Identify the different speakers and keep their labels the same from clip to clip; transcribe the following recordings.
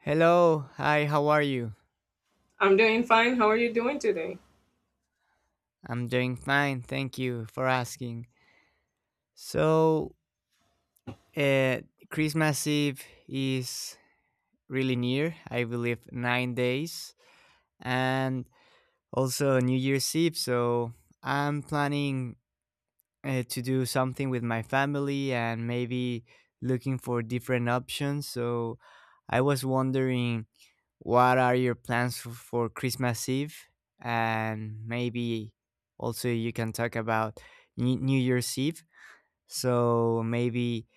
Speaker 1: Hello, hi, how are you?
Speaker 2: I'm doing fine. How are you doing today?
Speaker 1: I'm doing fine, thank you for asking. So, uh, Christmas Eve is really near, I believe 9 days, and also New Year's Eve. So, I'm planning to do something with my family and maybe looking for different options. So I was wondering what are your plans for Christmas Eve? And maybe also you can talk about New Year's Eve. So maybe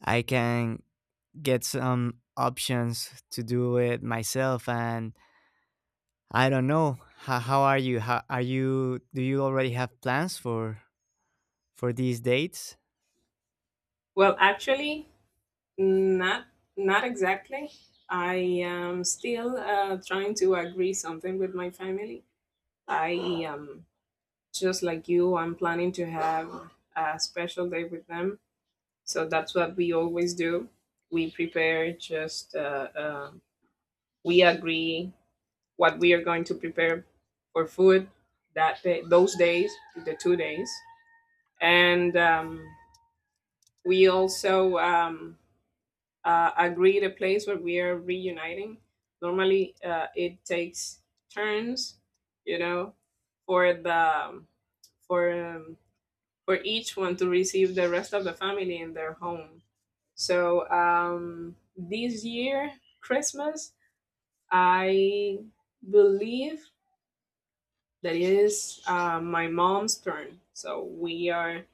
Speaker 1: I can get some options to do it myself. And I don't know. How are you? How are you? Do you already have plans for these dates?
Speaker 2: Well, actually, not not exactly. I am still trying to agree something with my family. I just like you, I'm planning to have a special day with them. So that's what we always do. We prepare just we agree what we are going to prepare for food that day, those days, the 2 days, and we also agree the place where we are reuniting. Normally, it takes turns, you know, for the um, for um, for each one to receive the rest of the family in their home. So this year, Christmas, I believe that it is my mom's turn. So we are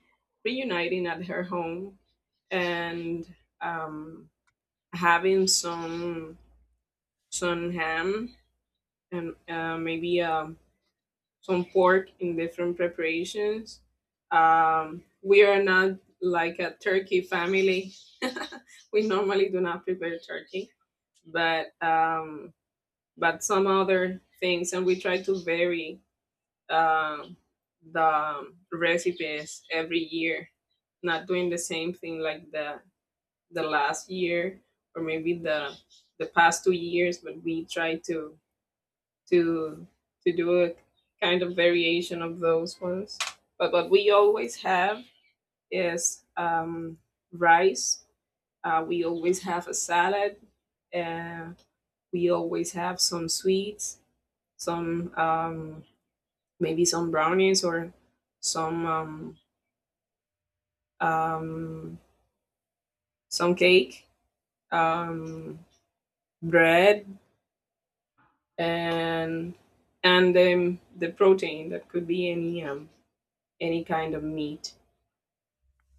Speaker 2: reuniting at her home and um, having some ham and maybe some pork in different preparations. We are not like a turkey family. We normally do not prepare turkey, but um, but some other things, and we try to vary uh, the recipes every year. Not doing the same thing like the last year or maybe the past 2 years, but we try to to do a kind of variation of those ones. But what we always have is rice. We always have a salad. Uh, we always have some sweets, some maybe some brownies or some um, um, some cake, um, bread, and and the protein that could be any kind of meat.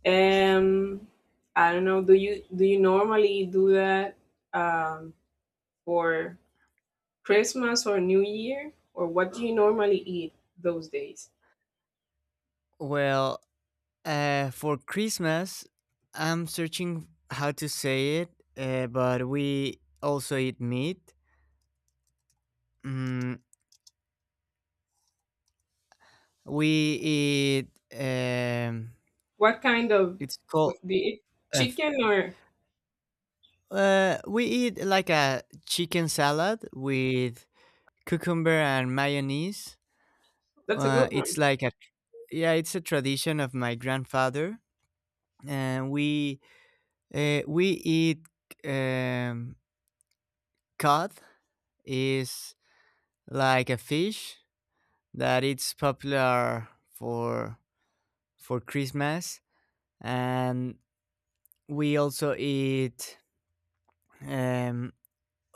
Speaker 2: Um, I don't know. Do you normally do that um, for Christmas or New Year, or what do you normally eat those days?
Speaker 1: Well, for Christmas, I'm searching how to say it, but we also eat meat. Mm, we eat. Um,
Speaker 2: What kind of
Speaker 1: it's called.
Speaker 2: do you eat
Speaker 1: Uh, f-
Speaker 2: chicken or?
Speaker 1: we eat like a chicken salad with cucumber and mayonnaise.
Speaker 2: That's a good one.
Speaker 1: It's like a yeah, it's a tradition of my grandfather, and we eat um, cod is like a fish that it's popular for Christmas, and we also eat um,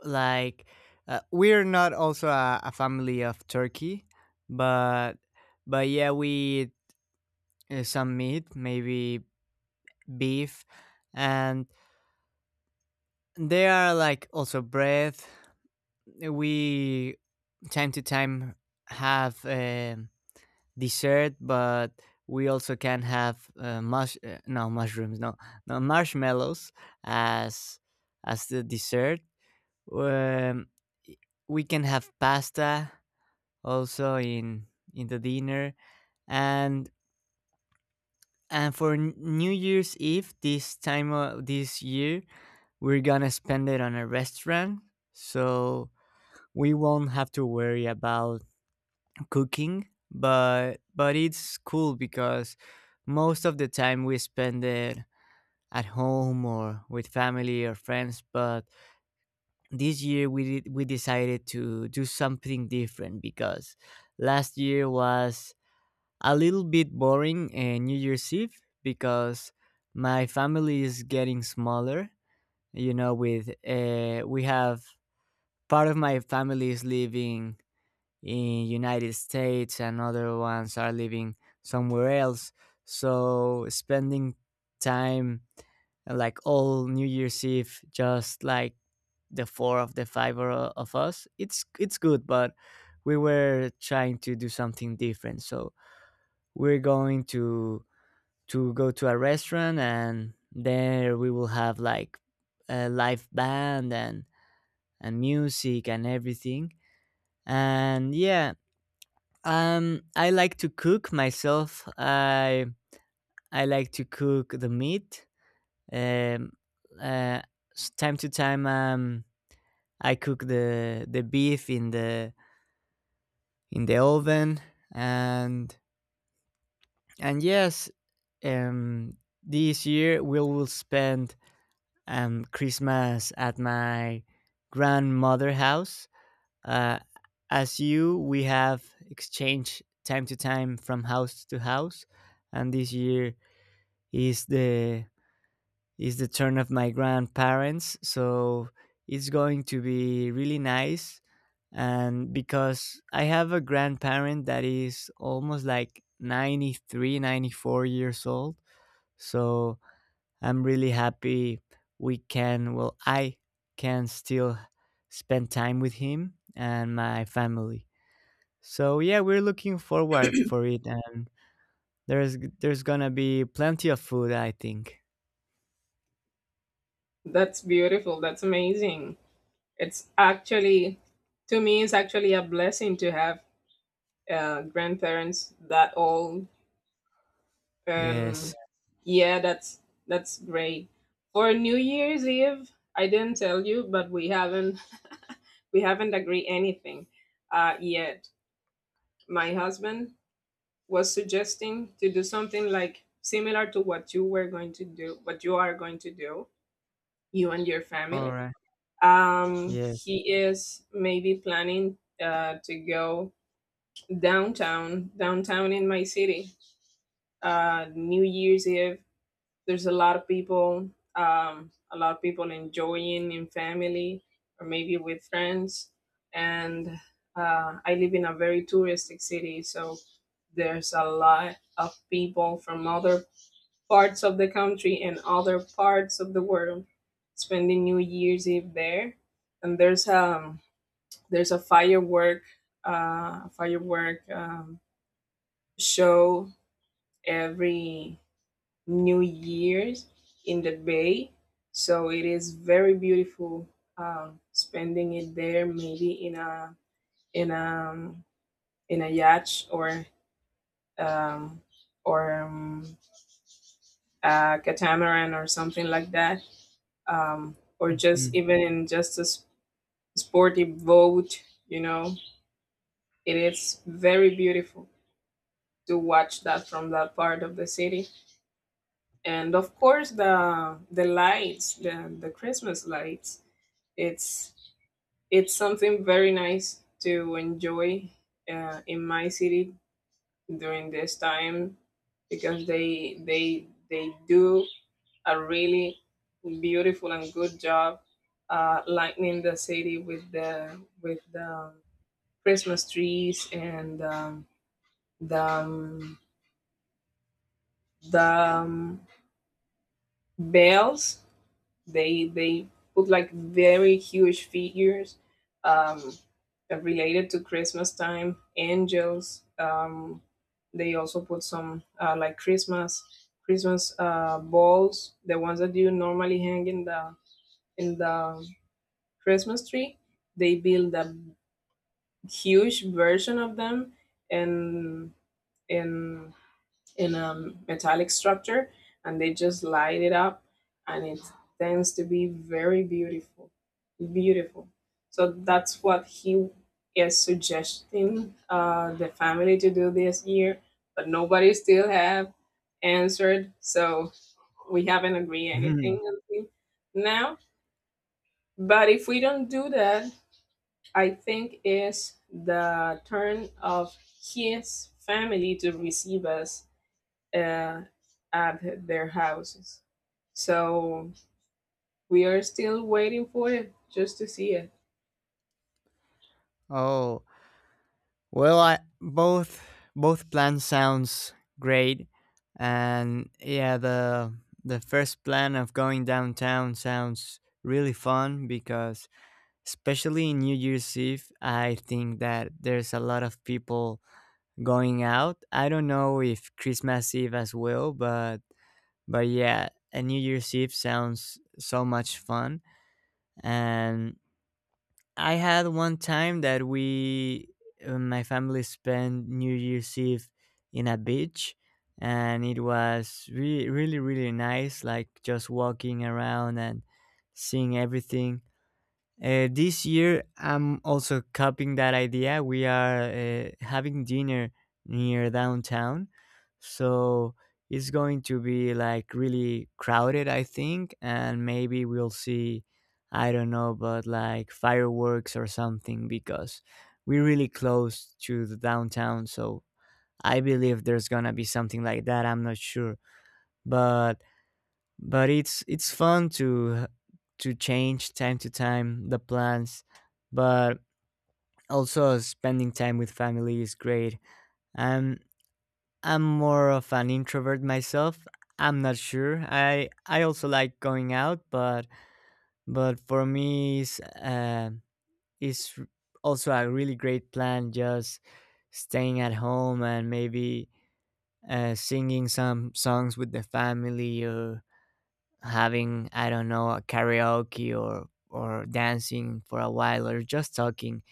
Speaker 1: like we're not also a family of turkey, but but yeah, we eat some meat, maybe beef, and they are like also bread. We time to time have dessert, but we also can have mush no mushrooms, no, no marshmallows as as the dessert. Um, we can have pasta also in the dinner, and and for New Year's Eve this time of this year we're gonna spend it on a restaurant, so we won't have to worry about cooking, but it's cool because most of the time we spend it at home or with family or friends. But this year we decided to do something different because last year was a little bit boring and New Year's Eve, because my family is getting smaller. You know, with we have, part of my family is living in United States and other ones are living somewhere else. So spending time like all New Year's Eve, just like the four of the five, or, of us, it's good, but we were trying to do something different. So we're going to go to a restaurant and there we will have like a live band and music and everything. And yeah, I like to cook myself. I like to cook the meat. Um, uh, time to time, I cook the beef in the oven, and and yes, um, this year we will spend Christmas at my grandmother house. Uh, as you, we have exchanged time to time from house to house, and this year is the is the turn of my grandparents, so it's going to be really nice, and because I have a grandparent that is almost like 93, 94 years old. So I'm really happy we can well, I can still spend time with him and my family. So yeah, we're looking forward for it, and there's gonna be plenty of food, I think.
Speaker 2: That's beautiful. That's amazing. It's actually to me, it's actually a blessing to have grandparents that old. Um,
Speaker 1: Yes.
Speaker 2: yeah, that's great. For New Year's Eve, I didn't tell you, but we haven't agreed anything yet. My husband was suggesting to do something like similar to what you were going to do, what you are going to do, you and your
Speaker 1: All
Speaker 2: family.
Speaker 1: right. Yes.
Speaker 2: He is maybe planning to go downtown in my city. New Year's Eve there's a lot of people, a lot of people enjoying in family or maybe with friends. And I live in a very touristic city, so there's a lot of people from other parts of the country and other parts of the world spending New Year's Eve there. And there's a firework, uh firework um, show every New Year's in the Bay. So it is very beautiful. Spending it there, maybe in a in a in a yacht or um, or um, a catamaran or something like that, or just
Speaker 1: Mhm.
Speaker 2: even in just a sporty boat. You know, it is very beautiful to watch that from that part of the city. And of course, the lights, the Christmas lights. It's It's something very nice to enjoy in my city during this time because they do a really beautiful and good job lightening the city with the Christmas trees and the um, the bells. They put like very huge figures um, related to Christmas time, angels. They also put some like Christmas balls, the ones that you normally hang in the Christmas tree. They build a huge version of them and and in a metallic structure, and they just light it up, and it tends to be very beautiful, beautiful. So that's what he is suggesting the family to do this year, but nobody still have answered. So we haven't agreed
Speaker 1: Mhm.
Speaker 2: anything until now. But if we don't do that, I think it's the turn of his family to receive us uh, at their houses. So we are still waiting for it just to see it.
Speaker 1: Oh, well, I, both plan sounds great, and yeah, the first plan of going downtown sounds really fun, because especially in New Year's Eve, I think that there's a lot of people going out. I don't know if Christmas Eve as well, but yeah, a New Year's Eve sounds so much fun. And I had one time that my family spent New Year's Eve in a beach, and it was really, really, really nice. Like just walking around and seeing everything. This year, I'm also copying that idea. We are having dinner near downtown, so it's going to be like really crowded, I think, and maybe we'll see, I don't know, but like fireworks or something, because we're really close to the downtown. So I believe there's gonna be something like that. I'm not sure, but but it's fun to change time to time the plans, but also spending time with family is great. um I'm more of an introvert myself. I'm not sure, I also like going out, but for me it's r- also a really great plan, just staying at home and maybe singing some songs with the family, or having, I don't know, a karaoke or dancing for a while, or just talking.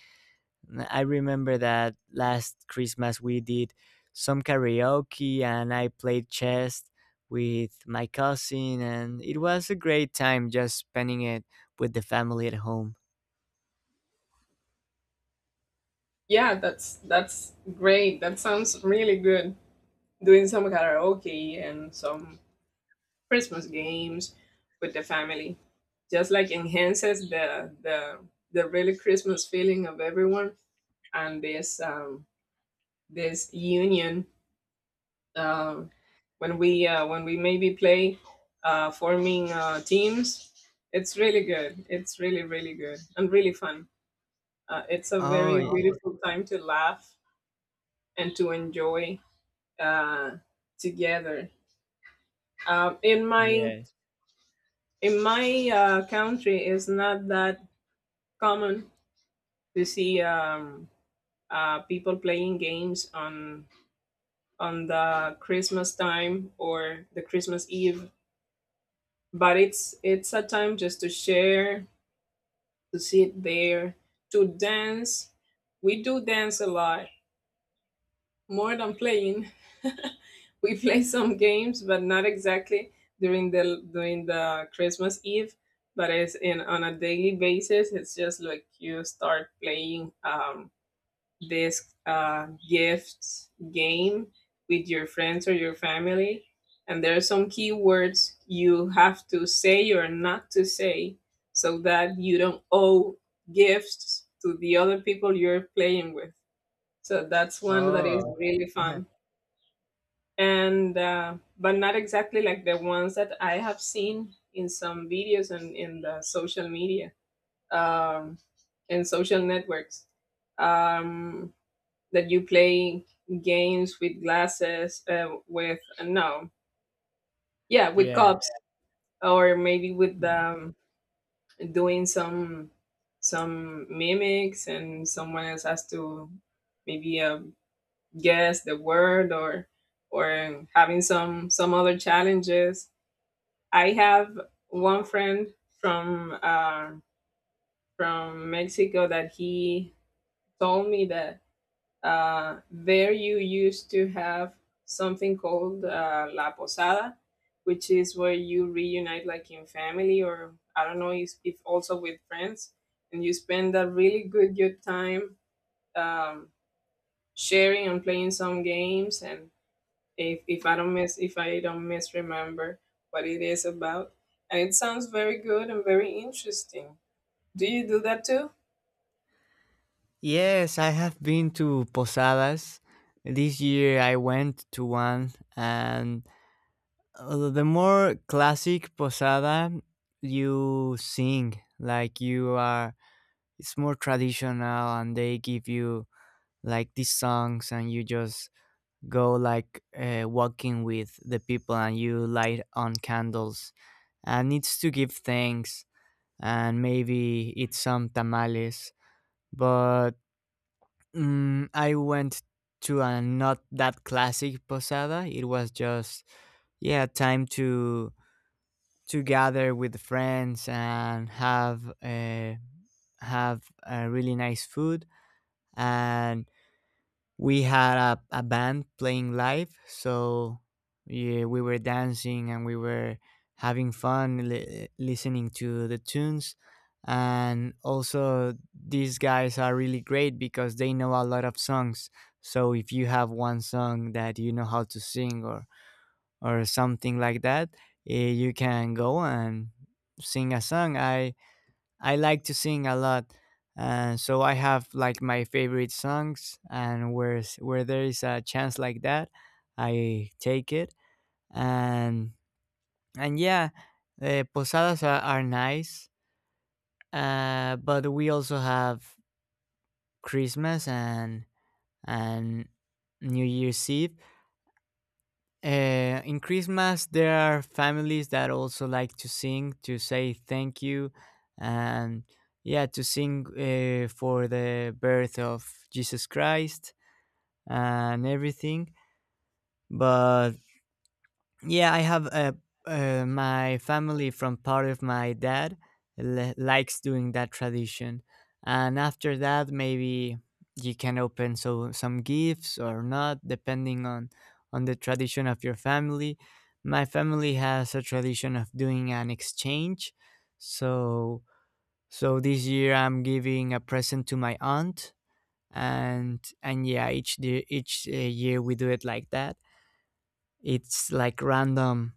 Speaker 1: I remember that last Christmas we did some karaoke and I played chess with my cousin, and it was a great time just spending it with the family at home.
Speaker 2: Yeah, that's great. That sounds really good. Doing some karaoke and some Christmas games with the family just like enhances the really Christmas feeling of everyone and this union, uh, when we maybe play, forming teams. It's really good. It's really really good and really fun. It's a
Speaker 1: Oh,
Speaker 2: very beautiful time to laugh and to enjoy uh, together. Um, in my
Speaker 1: yes.
Speaker 2: in my country, it's not that common to see people playing games on the Christmas time or the Christmas Eve, but it's a time just to share, to sit there, to dance. We do dance a lot more than playing. We play some games, but not exactly during the Christmas Eve, but it's in on a daily basis. It's just like you start playing this gift game with your friends or your family. And there are some keywords you have to say or not to say, so that you don't owe gifts to the other people you're playing with. So that's one that is
Speaker 1: Oh,
Speaker 2: really fun. And, but not exactly like the ones that I have seen in some videos and in the social media, um, and social networks. Um, that you play games with glasses, with no yeah, with
Speaker 1: yeah.
Speaker 2: cups, or maybe with doing some mimics, and someone else has to maybe guess the word, or having some other challenges. I have one friend from uh, from Mexico that he told me that there you used to have something called La Posada, which is where you reunite like in family or I don't know if also with friends, and you spend a really good good time, um, sharing and playing some games. And if I don't miss if I don't misremember what it is about. And it sounds very good and very interesting. Do you do that too?
Speaker 1: Yes, I have been to posadas. This year I went to one, and the more classic posada, you sing, like you are, it's more traditional, and they give you like these songs, and you just go like walking with the people, and you light on candles, and it's to give thanks, and maybe eat some tamales. But I went to a not that classic posada. It was just, yeah, time to gather with friends and have a really nice food, and we had a band playing live. So yeah, we were dancing and we were having fun listening to the tunes, and also these guys are really great because they know a lot of songs. So if you have one song that you know how to sing or something like that, you can go and sing a song. I like to sing a lot, and so I have like my favorite songs. And where there is a chance like that, I take it. And and yeah, posadas are nice, but we also have Christmas and New Year's Eve. In Christmas, there are families that also like to sing to say thank you, and yeah, to sing for the birth of Jesus Christ and everything. But yeah, I have a my family from part of my dad likes doing that tradition, and after that, maybe you can open some gifts or not, depending on the tradition of your family. My family has a tradition of doing an exchange, so so this year I'm giving a present to my aunt, and yeah, each year we do it like that. It's like random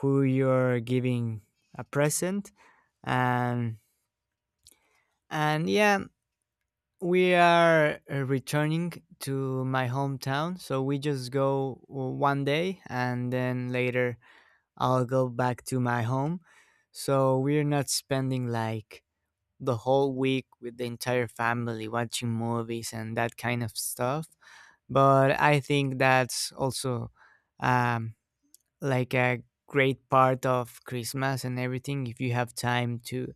Speaker 1: who you're giving a present, and and yeah, we are returning to my hometown, so we just go one day and then later I'll go back to my home. So we're not spending like the whole week with the entire family watching movies and that kind of stuff, but I think that's also um, like a great part of Christmas and everything, if you have time to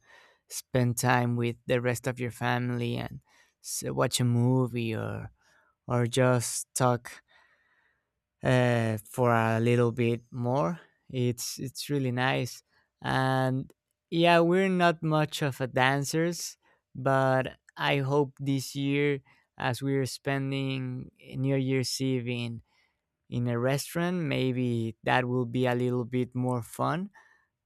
Speaker 1: spend time with the rest of your family and watch a movie or just talk for a little bit more. It's really nice, and yeah, we're not much of a dancers, but I hope this year, as we're spending New Year's Eve in a restaurant, maybe that will be a little bit more fun,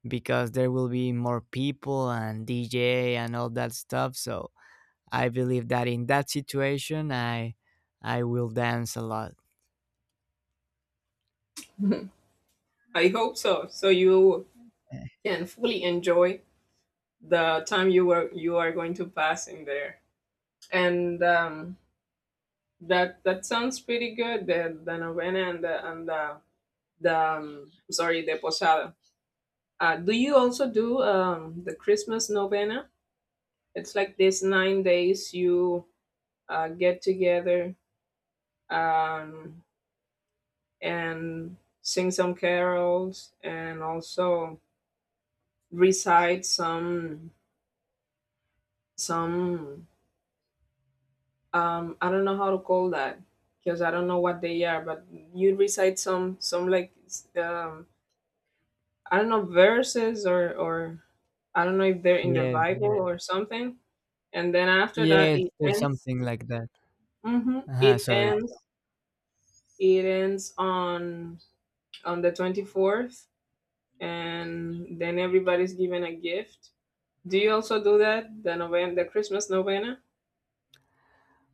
Speaker 1: because there will be more people and DJ and all that stuff. So I believe that in that situation, I will dance a lot.
Speaker 2: I hope so, so you can fully enjoy the time you are going to pass in there. And that that sounds pretty good, the novena and the sorry, the posada. Do you also do the Christmas novena? It's like these 9 days you get together um, and sing some carols and also recite some I don't know how to call that because I don't know what they are. But you recite some like I don't know, verses or I don't know if they're in the
Speaker 1: Yeah,
Speaker 2: Bible or something. And then after that,
Speaker 1: yes,
Speaker 2: it
Speaker 1: there's
Speaker 2: ends.
Speaker 1: something like that. Uh-huh,
Speaker 2: It
Speaker 1: sorry.
Speaker 2: ends. It ends on the 24th, and then everybody's given a gift. Do you also do that? The novena, the Christmas novena.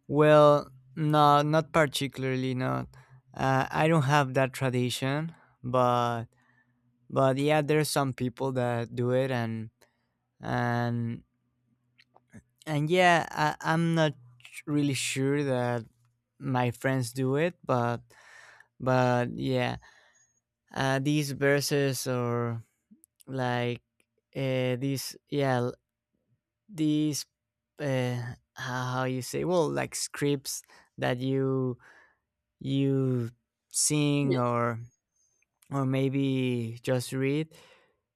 Speaker 1: Well, no, not particularly. Not. I don't have that tradition, but but yeah, there's some people that do it, and and yeah, I'm not really sure that my friends do it, but yeah, these verses, or like, these, these, uh how you say, well, like, scripts that you sing,
Speaker 2: Yeah.
Speaker 1: or maybe just read.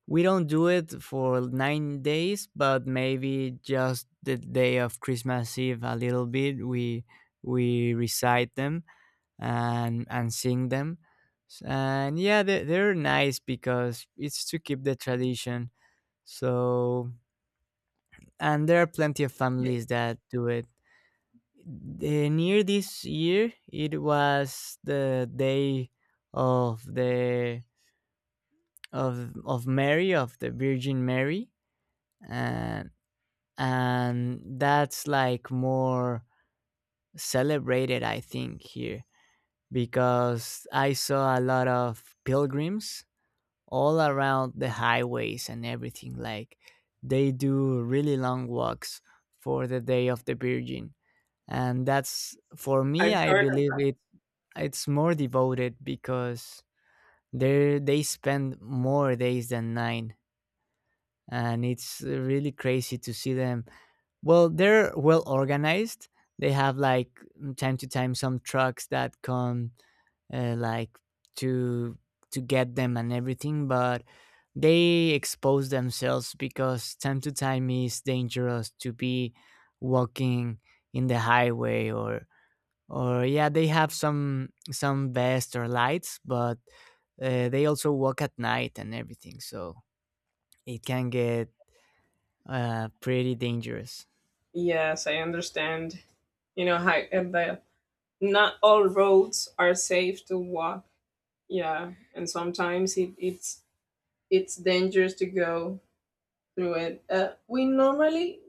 Speaker 1: We don't do it for 9 days, but maybe just the day of Christmas Eve a little bit. We recite them and sing them, and yeah, they're nice because it's to keep the tradition. So, and there are plenty of families that do it. Near this year, it was the day of the of Mary, of the Virgin Mary, and and that's like more celebrated, I think, here, because I saw a lot of pilgrims all around the highways and everything. Like, they do really long walks for the day of the Virgin, and that's, for me,
Speaker 2: I've
Speaker 1: I
Speaker 2: heard of
Speaker 1: believe
Speaker 2: that.
Speaker 1: it's more devoted because they spend more days than nine, and it's really crazy to see them. Well, they're well organized. They have like, time to time some trucks that come like to to get them and everything, but they expose themselves because time to time is dangerous to be walking in the highway, or yeah, they have some vests or lights, but they also walk at night and everything, so it can get pretty dangerous.
Speaker 2: Yes, I understand. You know, how, and the not all roads are safe to walk. Yeah, and sometimes it's dangerous to go through it.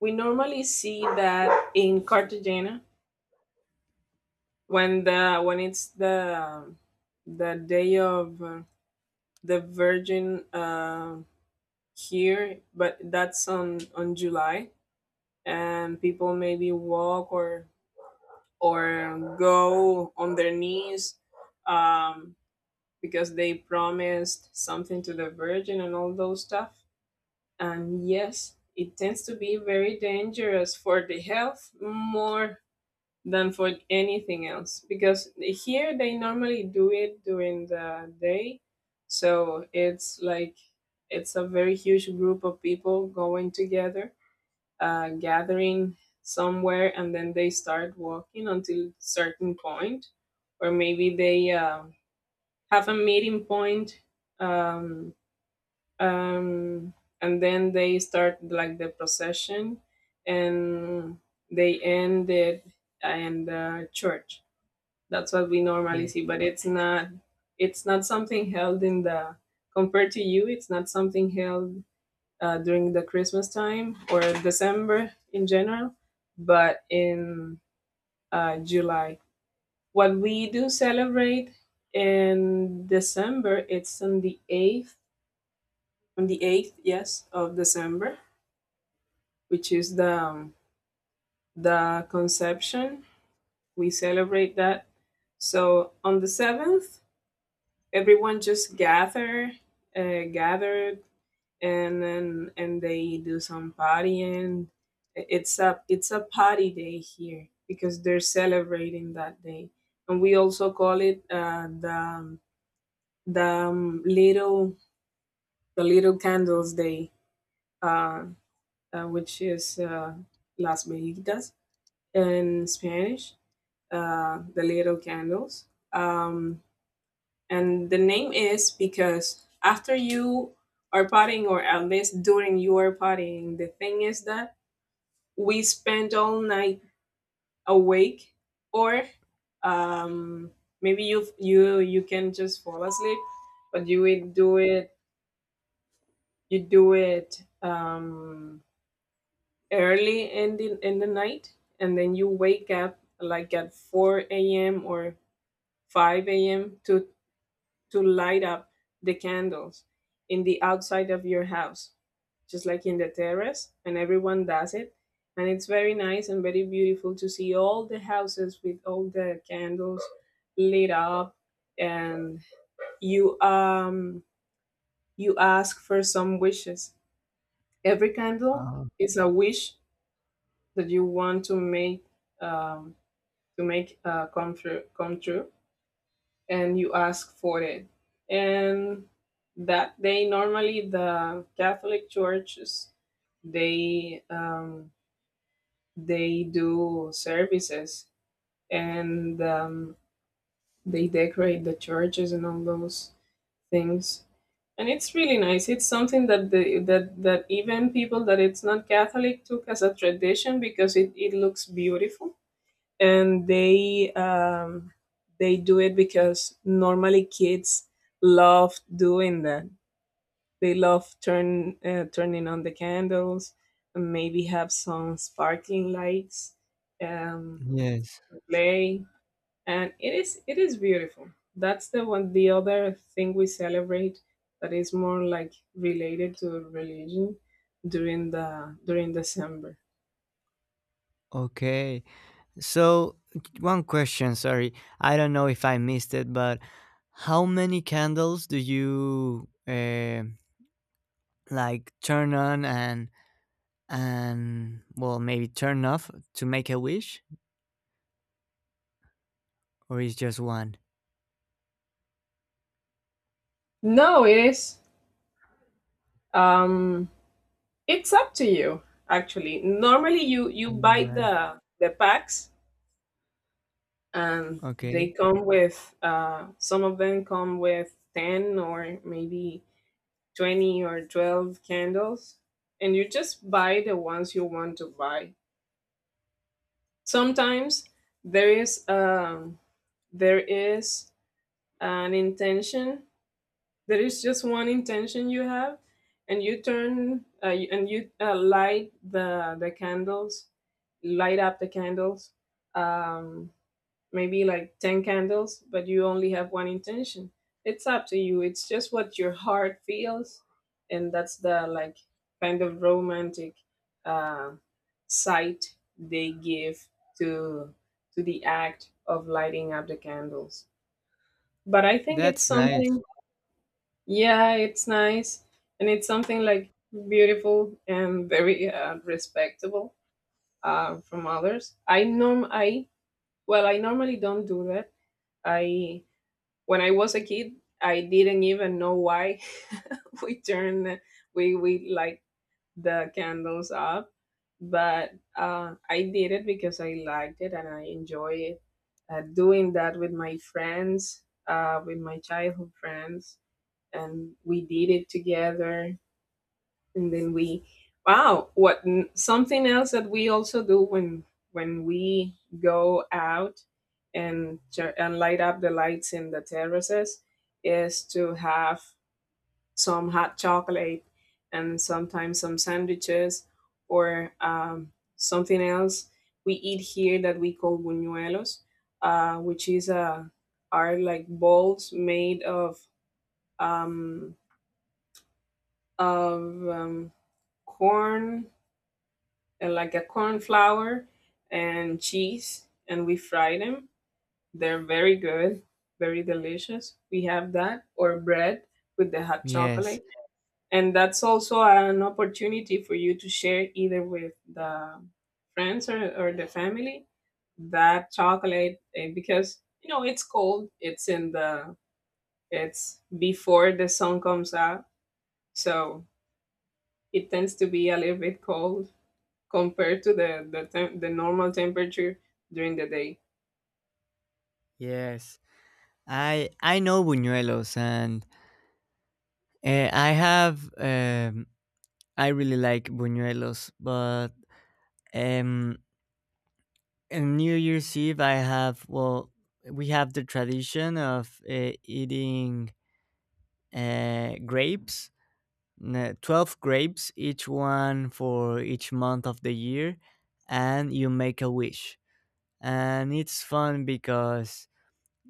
Speaker 2: We normally see that in Cartagena when the when it's the day of the Virgin here, but that's on July, and people maybe walk or go on their knees um, because they promised something to the Virgin and all those stuff. And yes, it tends to be very dangerous for the health more than for anything else because here they normally do it during the day. So it's like it's a very huge group of people going together, gathering somewhere, and then they start walking until certain point, or maybe they have a meeting point, um, um, and then they start like the procession, and they end it in the church. That's what we normally see, but it's not. It's not something held in the Compared to you, it's not something held during the Christmas time or December in general, but in July. What we do celebrate in December, it's on the 8th, on the 8th, yes, of December, which is the conception. We celebrate that. So on the 7th, everyone just gathered, and then and they do some partying. It's a party day here because they're celebrating that day, and we also call it the um, little the Little Candles Day, uh, which is Las Velitas in Spanish, the Little Candles. Um, and the name is because after you are partying, or at least during your partying, the thing is that we spend all night awake, or um, maybe you you can just fall asleep, but you will do it. You do it. Early in the night, and then you wake up like at 4 a.m or 5 a.m to light up the candles in the outside of your house, just like in the terrace. And everyone does it, and it's very nice and very beautiful to see all the houses with all the candles lit up. And you you ask for some wishes. Every candle
Speaker 1: Yeah.
Speaker 2: is a wish that you want to make, um, to make come true, come true, and you ask for it. And that day, normally the Catholic churches, they um, they do services, and they decorate the churches and all those things. And it's really nice. It's something that the that that even people that it's not Catholic took as a tradition, because it looks beautiful. And they do it because normally kids love doing that. They love turning on the candles, and maybe have some sparkling lights, um,
Speaker 1: Yes.
Speaker 2: play, and it is beautiful. That's the one. The other thing we celebrate that is more like related to religion during the during December.
Speaker 1: Okay. So, one question, sorry. I don't know if I missed it, but how many candles do you like, turn on, and well, maybe turn off to make a wish, or is just one?
Speaker 2: No, it is. Um, It's up to you, actually. Normally, you buy
Speaker 1: Or
Speaker 2: the packs, and they
Speaker 1: okay.
Speaker 2: come with some of them come with ten, or maybe 20 or 12 candles, and you just buy the ones you want to buy. Sometimes there is um, there is an intention, there is just one intention you have, and you light the candles, light up the candles, um maybe like 10 candles, but you only have one intention. It's up to you, it's just what your heart feels. And that's the like kind of romantic uh sight they give to the act of lighting up the candles. But I think it's, yes,
Speaker 1: That's nice.
Speaker 2: something. Yeah, it's nice, and it's something like beautiful and very respectable, from others. I well, I normally don't do that. I, when I was a kid, I didn't even know why we turned we light the candles up, but I did it because I liked it and I enjoy it. Doing that with my friends, with my childhood friends, and we did it together. And then we, wow, what, something else that we also do when we go out and light up the lights in the terraces is to have some hot chocolate, and sometimes some sandwiches, or something else we eat here that we call buñuelos, which is are like balls made um, of um, corn, like a corn flour and cheese, and we fry them. They're very good, very delicious. We have that, or bread with the hot
Speaker 1: Yes.
Speaker 2: chocolate. And that's also an opportunity for you to share either with the friends, or the family, that chocolate, eh, because you know it's cold, it's in the, it's before the sun comes out, so it tends to be a little bit cold compared to the normal temperature during the day.
Speaker 1: Yes. I know buñuelos, and uh, I have um I really like buñuelos, but um and New Year's Eve, I have well, we have the tradition of eating grapes, 12 grapes, each one for each month of the year, and you make a wish. And it's fun because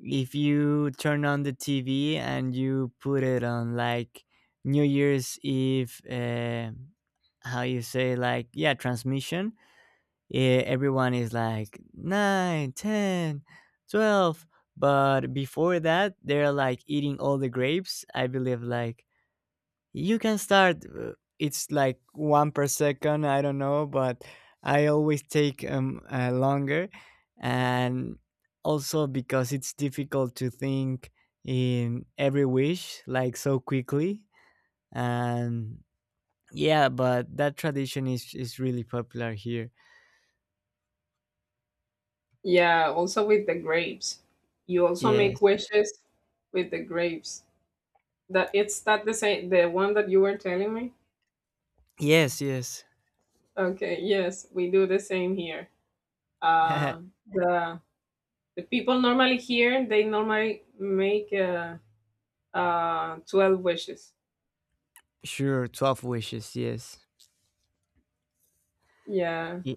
Speaker 1: if you turn on the TV and you put it on like New Year's Eve, how you say, like, yeah, transmission, yeah, everyone is like 9, 10, 12. But before that, they're like eating all the grapes. I believe, like, you can start, it's like one per second, I don't know, but I always take longer. And also because it's difficult to think in every wish, like, so quickly. And yeah, but that tradition is really popular here.
Speaker 2: Yeah, also with the grapes. You also make
Speaker 1: Yes.
Speaker 2: wishes with the grapes. That it's that the same the one that you were telling me?
Speaker 1: Yes, yes.
Speaker 2: Okay, yes, we do the same here. Uh, the people normally here, they normally make 12 wishes.
Speaker 1: Sure, 12 wishes, yes.
Speaker 2: Yeah,
Speaker 1: Y-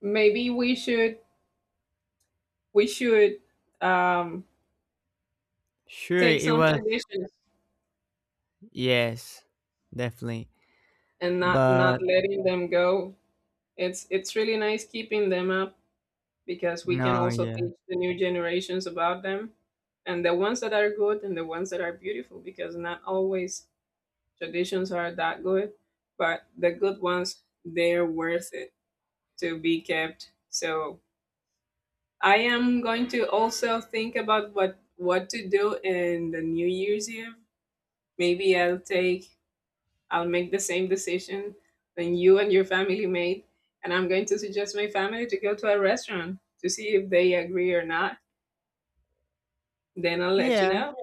Speaker 2: maybe we should we should um,
Speaker 1: Sure,
Speaker 2: take
Speaker 1: it
Speaker 2: some
Speaker 1: was,
Speaker 2: traditions
Speaker 1: yes, definitely.
Speaker 2: and not
Speaker 1: But
Speaker 2: letting them go. It's really nice keeping them up, because we can
Speaker 1: no,
Speaker 2: also
Speaker 1: yeah.
Speaker 2: teach the new generations about them, and the ones that are good and the ones that are beautiful, because not always traditions are that good, but the good ones, they're worth it to be kept. So I am going to also think about what to do in the New Year's Eve. Maybe I'll make the same decision than you and your family made. And I'm going to suggest my family to go to a restaurant to see if they agree or not. Then I'll let you
Speaker 1: Yeah,
Speaker 2: know.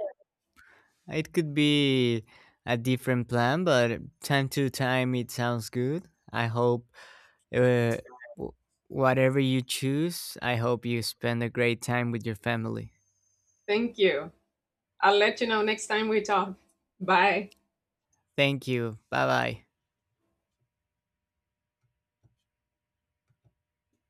Speaker 1: it could be a different plan, but time to time it sounds good. I hope uh, w- whatever you choose, I hope you spend a great time with your family.
Speaker 2: Thank you. I'll let you know next time we talk. Bye.
Speaker 1: Thank you. Bye bye.